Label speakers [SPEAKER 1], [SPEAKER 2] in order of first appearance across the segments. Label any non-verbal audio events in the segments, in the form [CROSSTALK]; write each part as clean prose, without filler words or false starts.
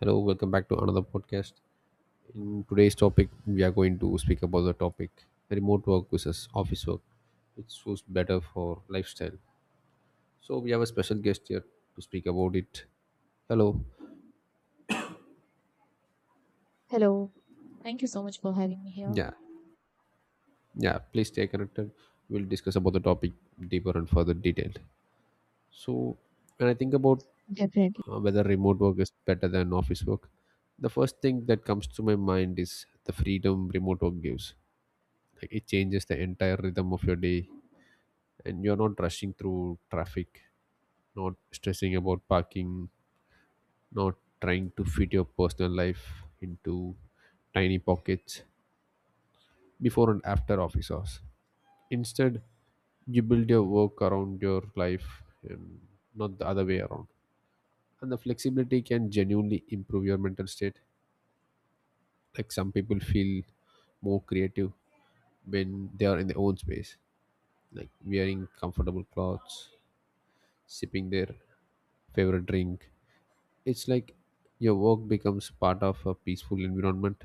[SPEAKER 1] Hello, welcome back to another podcast. In today's topic, we are going to speak about the topic remote work versus office work, which was better for lifestyle. So we have a special guest here to speak about it. Hello.
[SPEAKER 2] Hello. Thank you so much for having me here.
[SPEAKER 1] Yeah, yeah. Please stay connected. We'll discuss about the topic deeper and further detailed. So when I think about
[SPEAKER 2] Definitely.
[SPEAKER 1] whether remote work is better than office work, the first thing that comes to my mind is the freedom remote work gives. Like, it changes the entire rhythm of your day and you're not rushing through traffic, not stressing about parking, not trying to fit your personal life into tiny pockets before and after office hours. Instead, you build your work around your life and not the other way around. And the flexibility can genuinely improve your mental state. Like, some people feel more creative when they are in their own space, like wearing comfortable clothes, sipping their favorite drink. It's like your work becomes part of a peaceful environment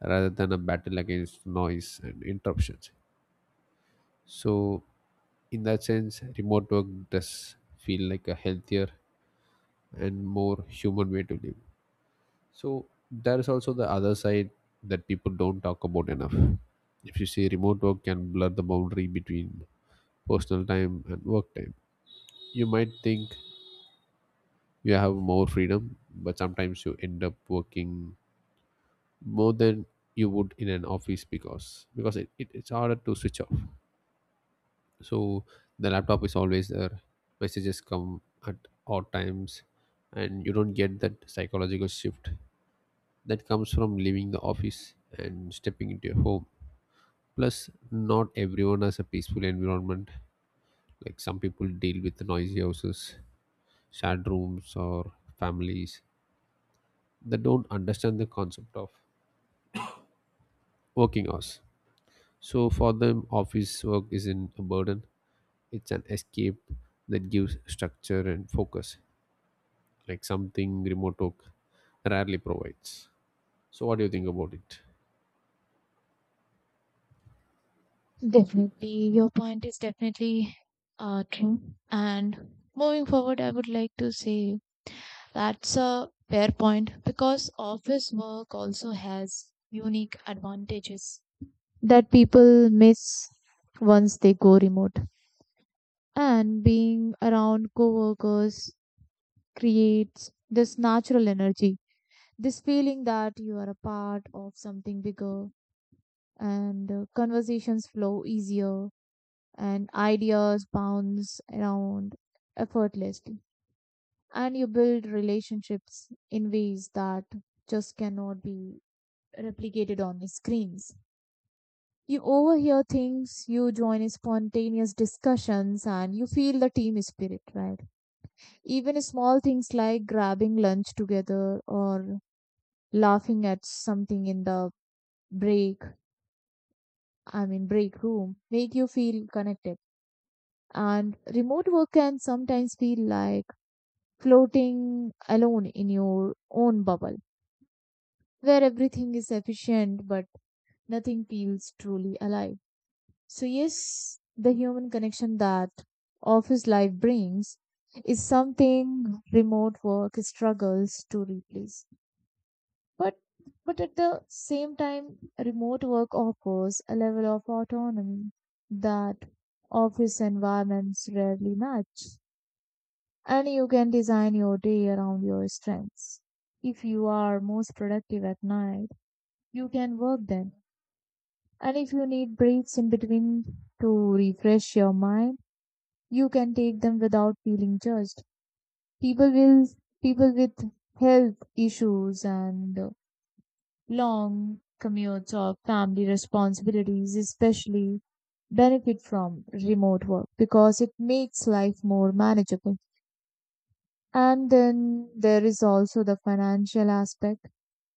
[SPEAKER 1] rather than a battle against noise and interruptions. So, in that sense, remote work does feel like a healthier and more human way to live. So, there is also the other side that people don't talk about enough. If you say remote work can blur the boundary between personal time and work time, you might think you have more freedom, but sometimes you end up working more than you would in an office because it's harder to switch off. So the laptop is always there, messages come at odd times, and you don't get that psychological shift that comes from leaving the office and stepping into your home. Plus, not everyone has a peaceful environment. Like, some people deal with noisy houses, shared rooms, or families that don't understand the concept of working hours. So for them, office work isn't a burden, it's an escape that gives structure and focus, like something remote work rarely provides. So what do you think about it?
[SPEAKER 2] Definitely, your point is definitely true. And moving forward, I would like to say that's a fair point because office work also has unique advantages that people miss once they go remote. And being around coworkers creates this natural energy, this feeling that you are a part of something bigger, and conversations flow easier and ideas bounce around effortlessly, and you build relationships in ways that just cannot be replicated on the screens. You overhear things, you join spontaneous discussions, and you feel the team spirit, right? Even small things like grabbing lunch together or laughing at something in the break I mean break room make you feel connected. And remote work can sometimes feel like floating alone in your own bubble, where everything is efficient but nothing feels truly alive. So, yes, the human connection that office life brings is something remote work struggles to replace. But at the same time, remote work offers a level of autonomy that office environments rarely match. And you can design your day around your strengths. If you are most productive at night, you can work then. And if you need breaks in between to refresh your mind, you can take them without feeling judged. People will People with health issues and long commutes or family responsibilities especially benefit from remote work because it makes life more manageable. And then there is also the financial aspect.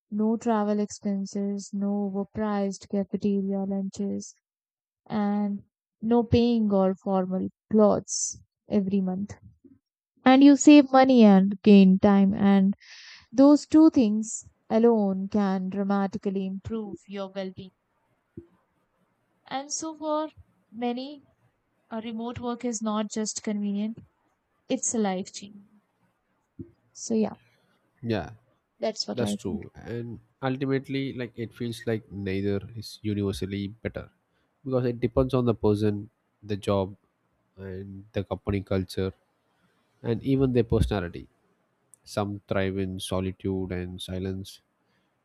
[SPEAKER 2] No travel expenses, no overpriced cafeteria lunches, and no paying all formal clothes every month. And you save money and gain time, and those two things alone can dramatically improve your well being. And so, for many, a remote work is not just convenient, it's a life changer. So, yeah,
[SPEAKER 1] Yeah,
[SPEAKER 2] that's what I
[SPEAKER 1] that's
[SPEAKER 2] think.
[SPEAKER 1] true. And ultimately, like, it feels like neither is universally better because it depends on the person, the job, and the company culture, and even their personality. Some thrive in solitude and silence,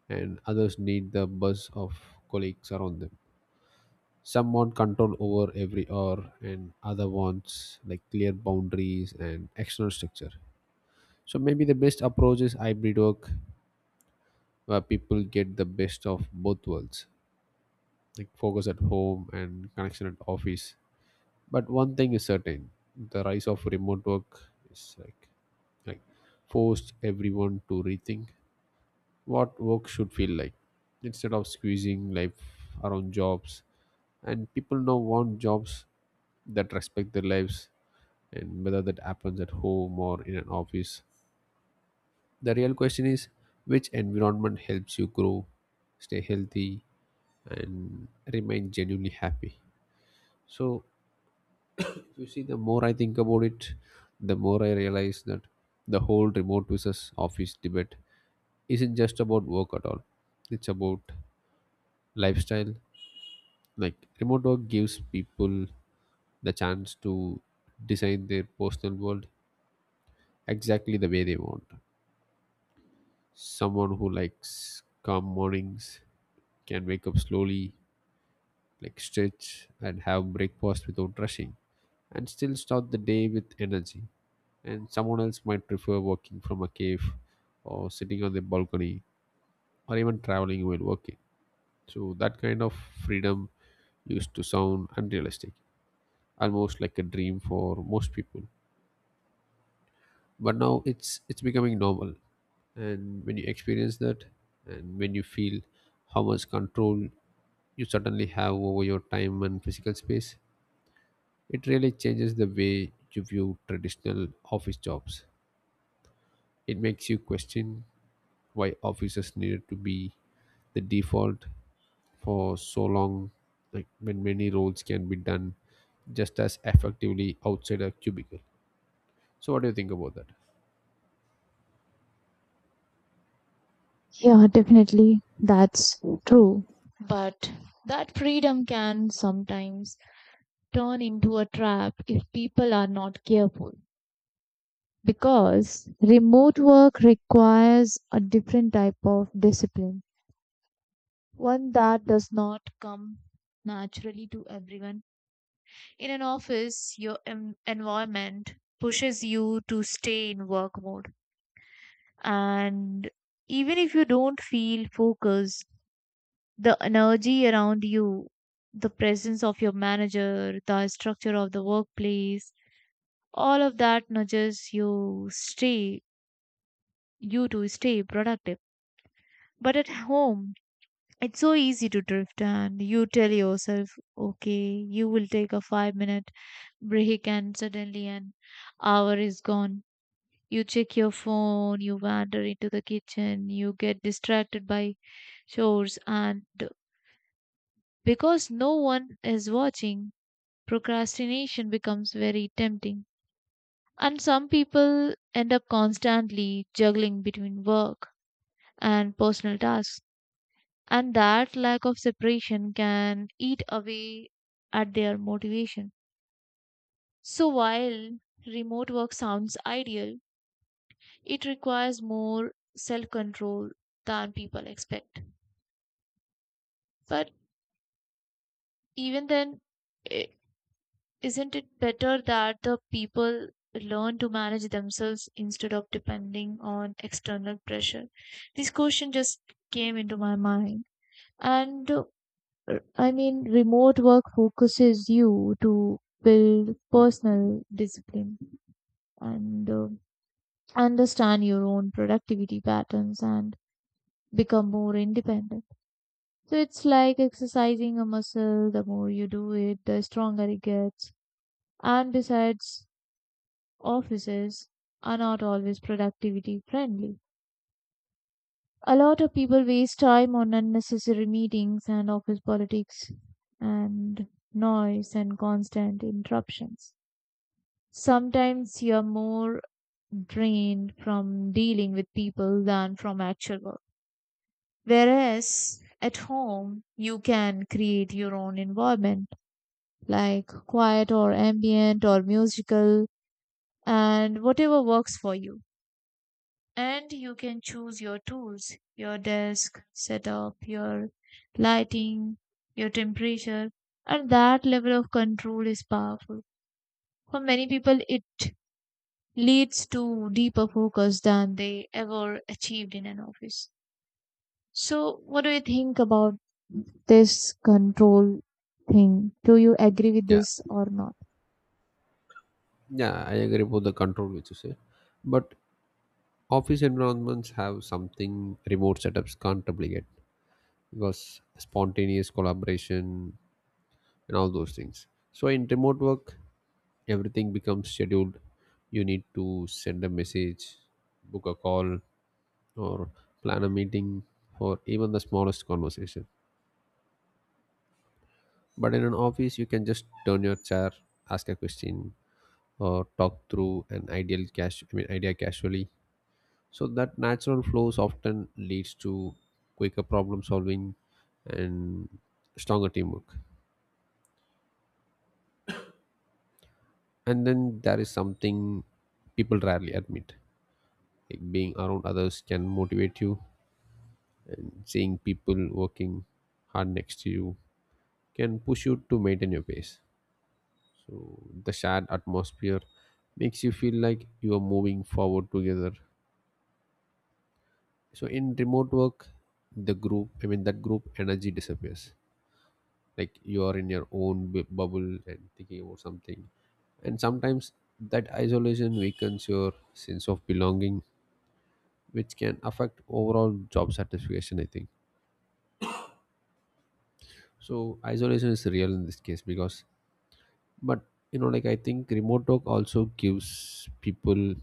[SPEAKER 1] and others need the buzz of colleagues around them. Some want control over every hour and other wants like clear boundaries and external structure. So maybe the best approach is hybrid work, where people get the best of both worlds, like focus at home and connection at office. But one thing is certain: the rise of remote work is like forced everyone to rethink what work should feel like. Instead of squeezing life around jobs, and people now want jobs that respect their lives, and whether that happens at home or in an office. The real question is which environment helps you grow, stay healthy, and remain genuinely happy. So, if you see, the more I think about it, the more I realize that the whole remote versus office debate isn't just about work at all, it's about lifestyle. Like, remote work gives people the chance to design their personal world exactly the way they want. Someone who likes calm mornings can wake up slowly, like stretch and have breakfast without rushing, and still start the day with energy. And someone else might prefer working from a cave or sitting on the balcony or even traveling while working. So, that kind of freedom used to sound unrealistic, almost like a dream for most people. But now it's becoming normal, and when you experience that and when you feel how much control you suddenly have over your time and physical space, it really changes the way you view traditional office jobs. It makes you question why offices needed to be the default for so long, like when many roles can be done just as effectively outside a cubicle. So what do you think about that?
[SPEAKER 2] Yeah, definitely. That's true. But that freedom can sometimes turn into a trap if people are not careful. Because remote work requires a different type of discipline, one that does not come naturally to everyone. In an office, your environment pushes you to stay in work mode. And even if you don't feel focused, the energy around you, the presence of your manager, the structure of the workplace, all of that nudges you to stay productive. But at home, it's so easy to drift and you tell yourself, okay, you will take a 5 minute break and suddenly an hour is gone. You check your phone, you wander into the kitchen, you get distracted by chores, and because no one is watching, procrastination becomes very tempting. And some people end up constantly juggling between work and personal tasks. And that lack of separation can eat away at their motivation. So while remote work sounds ideal, it requires more self control than people expect. But even then, i- isn't it better that the people learn to manage themselves instead of depending on external pressure? This question just came into my mind. And I mean, remote work focuses you to build personal discipline, and understand your own productivity patterns and become more independent. So it's like exercising a muscle. The more you do it, the stronger it gets. And besides, offices are not always productivity friendly. A lot of people waste time on unnecessary meetings and office politics and noise and constant interruptions. Sometimes you're more drained from dealing with people than from actual work. Whereas at home, you can create your own environment like quiet or ambient or musical, and whatever works for you. And you can choose your tools, your desk setup, your lighting, your temperature, and that level of control is powerful. For many people, it leads to deeper focus than they ever achieved in an office. So, what do you think about this control thing? Do you agree with
[SPEAKER 1] Yeah.
[SPEAKER 2] this or not?
[SPEAKER 1] Yeah, I agree about the control which you said. But office environments have something remote setups can't replicate because spontaneous collaboration and all those things. So in remote work, everything becomes scheduled. You need to send a message, book a call, or plan a meeting for even the smallest conversation. But in an office, you can just turn your chair, ask a question, or talk through an ideal cash. I mean, idea casually. So that natural flows often leads to quicker problem solving and stronger teamwork. And then there is something people rarely admit. Like, being around others can motivate you, and seeing people working hard next to you can push you to maintain your pace. So the shared atmosphere makes you feel like you are moving forward together. So in remote work, the group I mean that group energy disappears, like you are in your own bu- bubble and thinking about something, and sometimes that isolation weakens your sense of belonging, which can affect overall job satisfaction, I think. So isolation is real in this case because, but, you know, like, I think remote work also gives people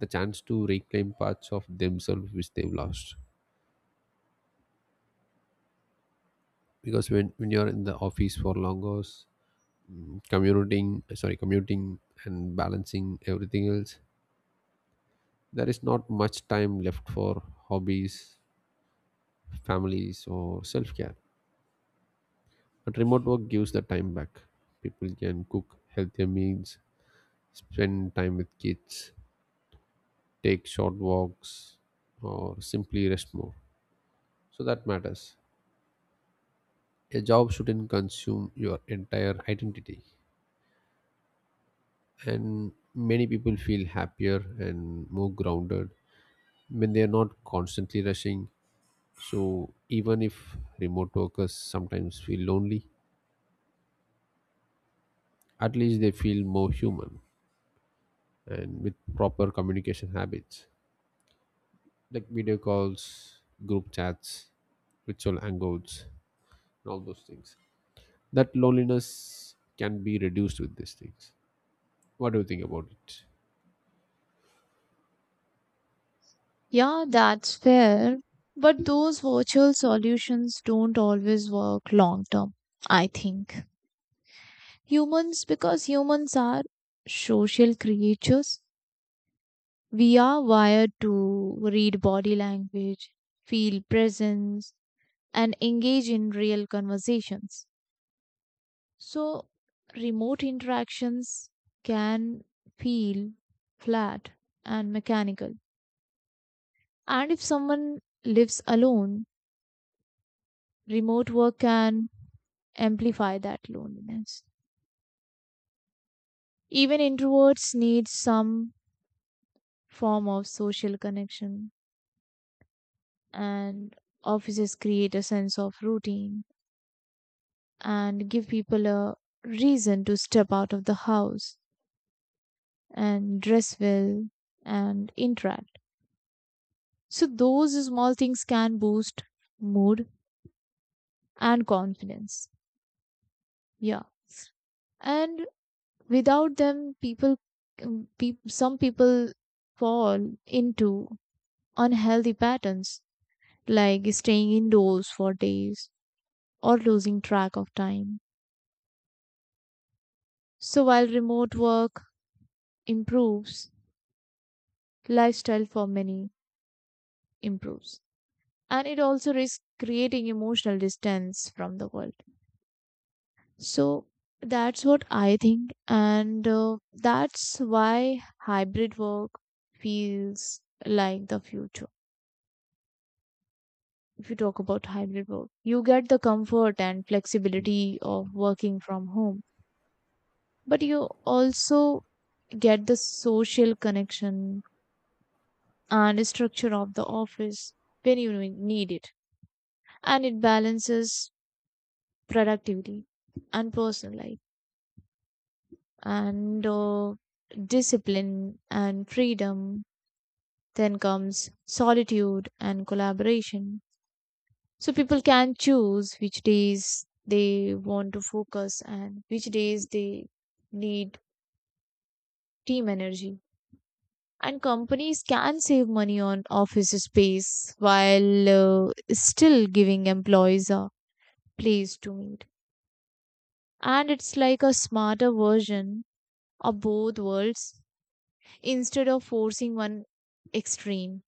[SPEAKER 1] the chance to reclaim parts of themselves which they've lost, because when you're in the office for long hours, commuting, sorry, commuting, and balancing everything else, there is not much time left for hobbies, families, or self care. But remote work gives the time back. People can cook healthier meals, spend time with kids, take short walks, or simply rest more. So that matters. A job shouldn't consume your entire identity. And many people feel happier and more grounded when they are not constantly rushing. So even if remote workers sometimes feel lonely, at least they feel more human, and with proper communication habits like video calls, group chats, virtual hangouts, and all those things, that loneliness can be reduced with these things. What do you think about it?
[SPEAKER 2] Yeah, that's fair. But those virtual solutions don't always work long term, I think. Humans, because humans are social creatures, we are wired to read body language, feel presence, and engage in real conversations. So, remote interactions can feel flat and mechanical. And if someone lives alone, remote work can amplify that loneliness. Even introverts need some form of social connection, and offices create a sense of routine and give people a reason to step out of the house and dress well and interact. So those small things can boost mood and confidence. Yeah. And without them, people, um, some people fall into unhealthy patterns like staying indoors for days or losing track of time. So while remote work improves, lifestyle for many improves. And it also risks creating emotional distance from the world. So that's what I think. And that's why hybrid work feels like the future. If you talk about hybrid work, you get the comfort and flexibility of working from home, but you also get the social connection and structure of the office when you need it, and it balances productivity and personal life and discipline and freedom. Then comes solitude and collaboration. So people can choose which days they want to focus and which days they need team energy. And companies can save money on office space while still giving employees a place to meet. And it's like a smarter version of both worlds instead of forcing one extreme.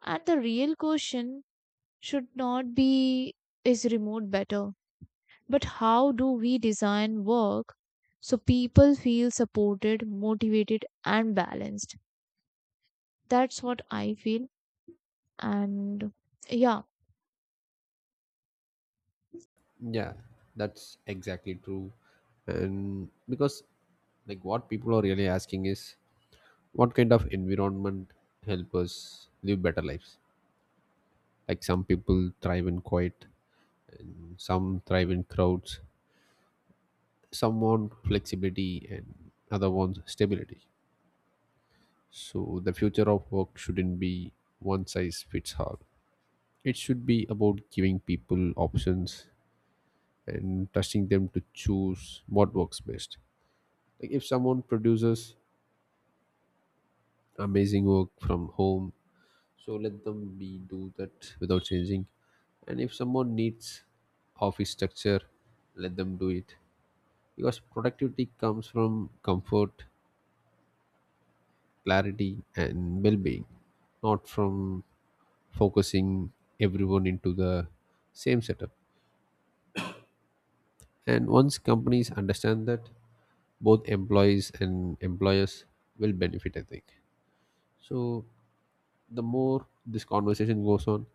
[SPEAKER 2] And the real question should not be is remote better, but how do we design work so people feel supported, motivated, and balanced? That's what I feel. And yeah,
[SPEAKER 1] Yeah, that's exactly true. And because like what people are really asking is what kind of environment help us live better lives? Like some people thrive in quiet and some thrive in crowds some want flexibility and other wants stability so the future of work shouldn't be one size fits all it should be about giving people options and trusting them to choose what works best like if someone produces amazing work from home so let them be do that without changing and if someone needs office structure let them do it because productivity comes from comfort clarity and well-being not from focusing everyone into the same setup and once companies understand that both employees and employers will benefit I think so the more this conversation goes on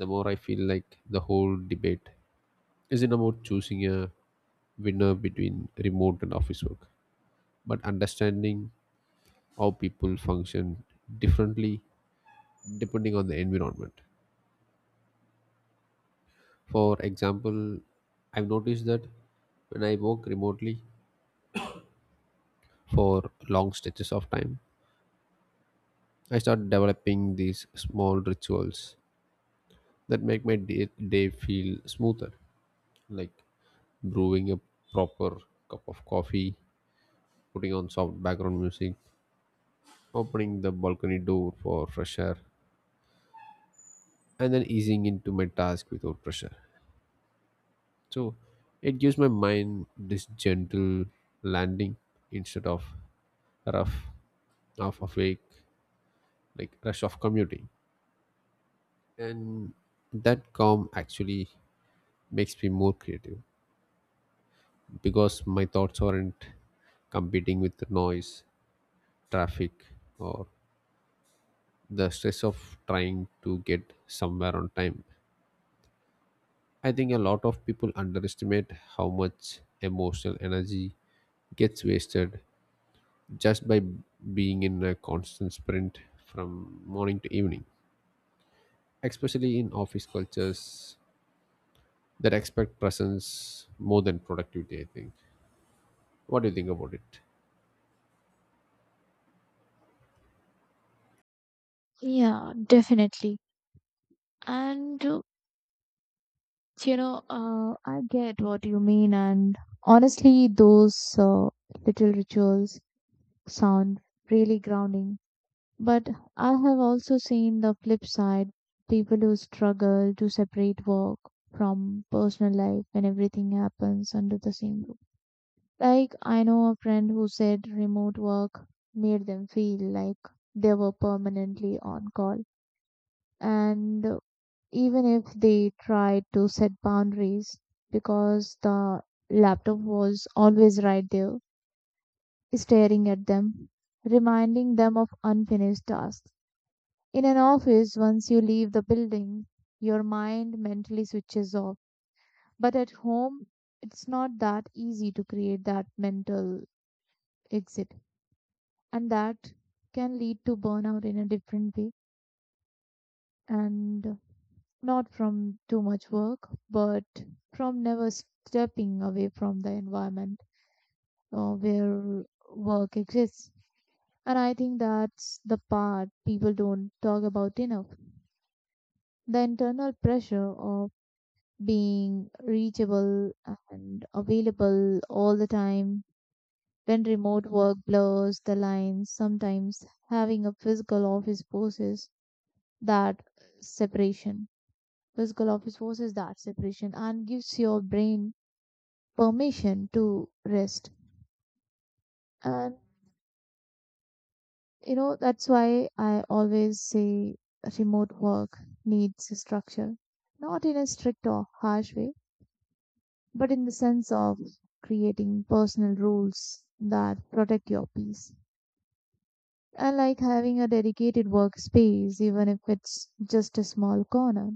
[SPEAKER 1] the more I feel like the whole debate isn't about choosing a winner between remote and office work but understanding how people function differently depending on the environment For example, I've noticed that when I work remotely for long stretches of time, I start developing these small rituals that make my day, day feel smoother, like brewing a proper cup of coffee, putting on soft background music, opening the balcony door for fresh air, and then easing into my task without pressure. So it gives my mind this gentle landing instead of rough, half awake like rush of commuting and that calm actually makes me more creative because my thoughts aren't competing with the noise traffic or the stress of trying to get somewhere on time I think a lot of people underestimate how much emotional energy gets wasted just by being in a constant sprint from morning to evening especially in office cultures that expect presence more than productivity I think What do you think about it?
[SPEAKER 2] yeah, definitely. And I get what you mean. And honestly, those little rituals sound really grounding. But I have also seen the flip side: people who struggle to separate work from personal life when everything happens under the same roof. Like, I know a friend who said remote work made them feel like they were permanently on call. And even if they tried to set boundaries, because the laptop was always right there, staring at them, reminding them of unfinished tasks. In an office, once you leave the building, your mind mentally switches off. But at home, it's not that easy to create that mental exit. And that can lead to burnout in a different way. And not from too much work, but from never stepping away from the environment where work exists. And I think that's the part people don't talk about enough. The internal pressure of being reachable and available all the time. When remote work blurs the lines, sometimes having a physical office forces that separation. Physical office forces that separation and gives your brain permission to rest. And you know, that's why I always say remote work needs structure. Not in a strict or harsh way, but in the sense of creating personal rules that protect your peace. I like having a dedicated workspace, even if it's just a small corner.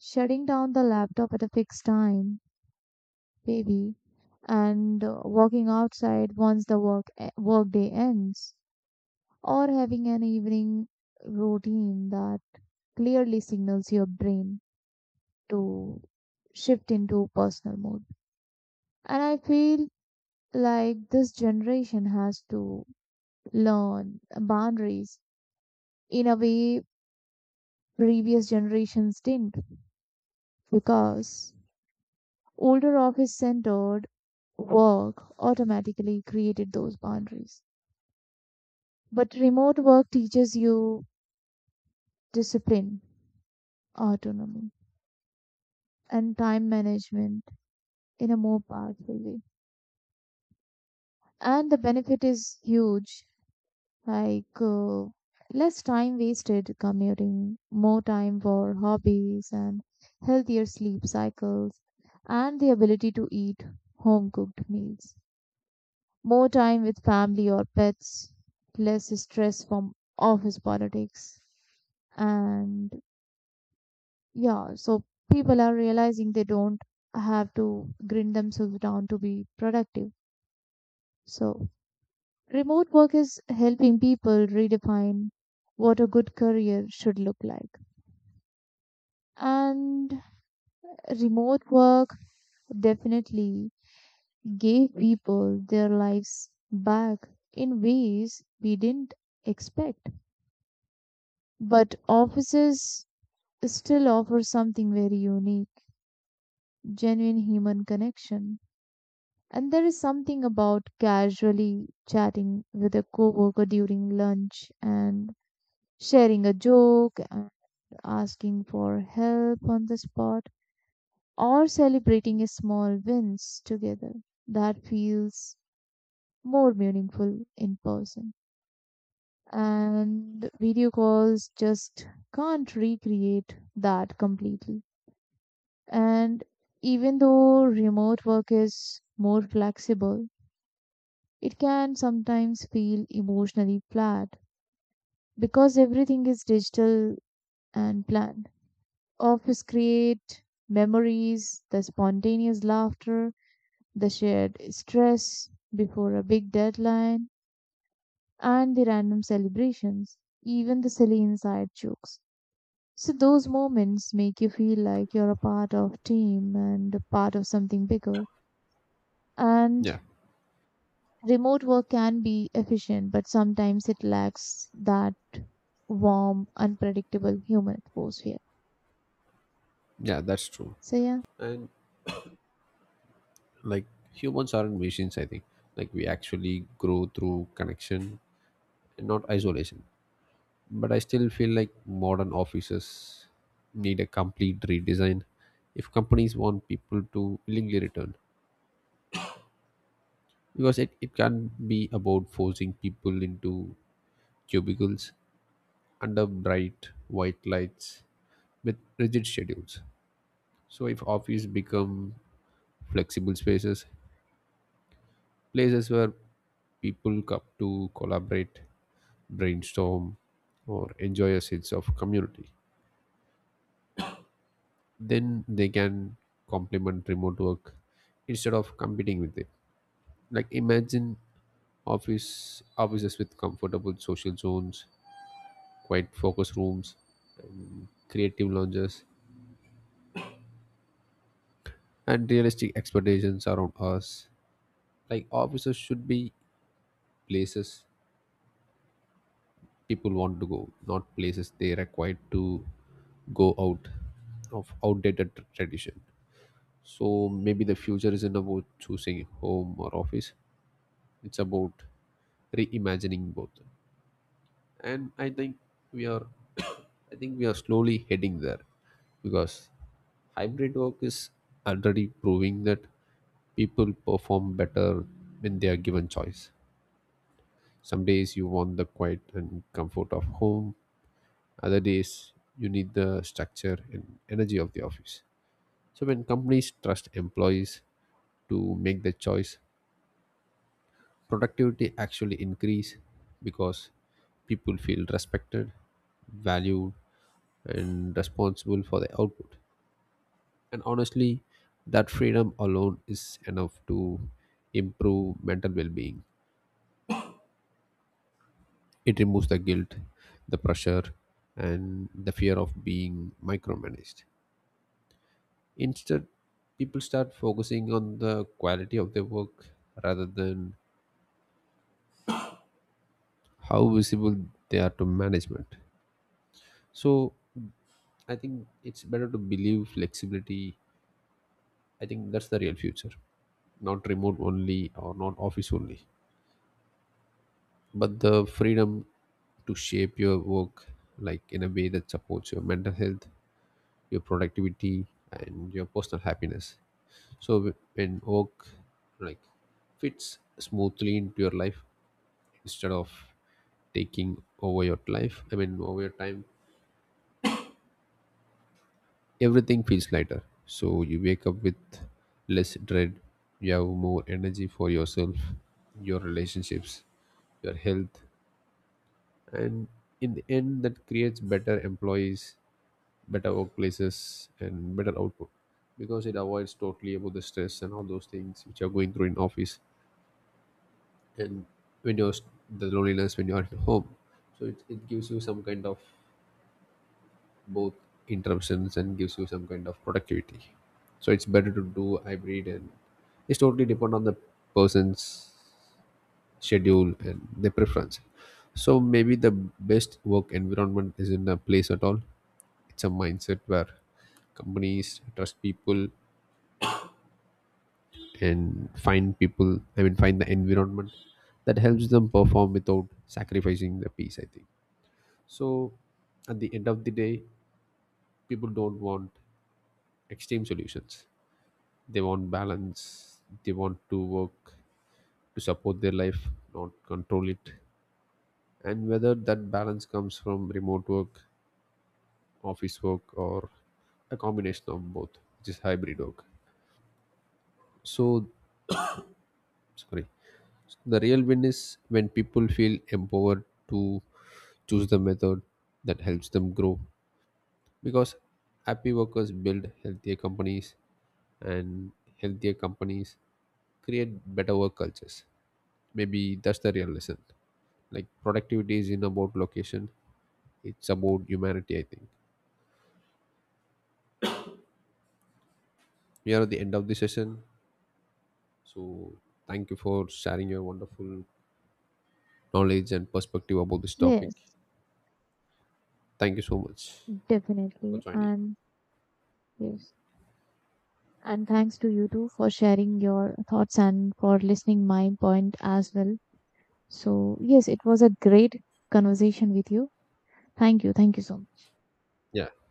[SPEAKER 2] Shutting down the laptop at a fixed time, maybe, and walking outside once the workday ends, or having an evening routine that clearly signals your brain to shift into personal mode. And I feel like this generation has to learn boundaries in a way previous generations didn't, because older office centered work automatically created those boundaries. But remote work teaches you discipline, autonomy, and time management in a more powerful way. And the benefit is huge, like less time wasted commuting, more time for hobbies and healthier sleep cycles, and the ability to eat home cooked meals, more time with family or pets, less stress from office politics. And yeah, so people are realizing they don't have to grind themselves down to be productive. So remote work is helping people redefine what a good career should look like. And remote work definitely gave people their lives back in ways we didn't expect. But offices still offer something very unique: genuine human connection. And there is something about casually chatting with a coworker during lunch and sharing a joke, asking for help on the spot, or celebrating small wins together. That feels more meaningful in person. And video calls just can't recreate that completely. And even though remote work is more flexible, it can sometimes feel emotionally flat because everything is digital and planned. Office create memories, the spontaneous laughter, the shared stress before a big deadline, and the random celebrations, even the silly inside jokes. So those moments make you feel like you're a part of team and a part of something bigger. And
[SPEAKER 1] Yeah,
[SPEAKER 2] remote work can be efficient, but sometimes it lacks that warm, unpredictable human atmosphere.
[SPEAKER 1] yeah, that's true.
[SPEAKER 2] So yeah,
[SPEAKER 1] And like, humans aren't machines, I think. Like, we actually grow through connection and not isolation. But I still feel like modern offices need a complete redesign if companies want people to willingly return. Because it can't be about forcing people into cubicles under bright white lights with rigid schedules. So if office become flexible spaces, places where people come to collaborate, brainstorm, or enjoy a sense of community, then they can complement remote work instead of competing with it. Like, imagine office offices with comfortable social zones, quiet focus rooms, creative lounges, and realistic expectations around us. Like, offices should be places people want to go, not places they required to go out of outdated tr- tradition. So maybe the future isn't about choosing home or office, it's about reimagining both. And I think we are [COUGHS] I think we are slowly heading there because hybrid work is already proving that people perform better when they are given choice. Some days you want the quiet and comfort of home, other days you need the structure and energy of the office. So, when companies trust employees to make the choice, productivity actually increase because people feel respected, valued, and responsible for the output. And honestly, that freedom alone is enough to improve mental well being. It removes the guilt, the pressure, and the fear of being micromanaged. Instead, people start focusing on the quality of their work rather than how visible they are to management. So I think it's better to believe flexibility. I think that's the real future, not remote only or not office only, but the freedom to shape your work like in a way that supports your mental health, your productivity, and your personal happiness. So when work, like, fits smoothly into your life, instead of taking over your life I mean over your time, everything feels lighter. So you wake up with less dread, you have more energy for yourself, your relationships, your health, and in the end that creates better employees, better workplaces, and better output, because it avoids totally about the stress and all those things which are going through in office. And when you're the loneliness when you're at home, so it gives you some kind of both interruptions and gives you some kind of productivity. So it's better to do hybrid, and it's totally depend on the person's schedule and their preference. So maybe the best work environment isn't a place at all, it's a mindset where companies trust people and find people I mean find the environment that helps them perform without sacrificing the peace, I think. So at the end of the day, people don't want extreme solutions, they want balance. They want to work to support their life, not control it. And whether that balance comes from remote work, office work, or a combination of both, which is hybrid work, so sorry, the real win is when people feel empowered to choose the method that helps them grow, because happy workers build healthier companies, and healthier companies create better work cultures. Maybe that's the real lesson, like productivity is in about location, it's about humanity, I think. We are at the end of the session, so thank you for sharing your wonderful knowledge and perspective about this topic.
[SPEAKER 2] yes,
[SPEAKER 1] Thank you so much for
[SPEAKER 2] definitely.
[SPEAKER 1] joining.
[SPEAKER 2] And yes. And thanks to you too for sharing your thoughts and for listening my point as well. So yes, it was a great conversation with you. Thank you. Thank you so much.
[SPEAKER 1] Yeah.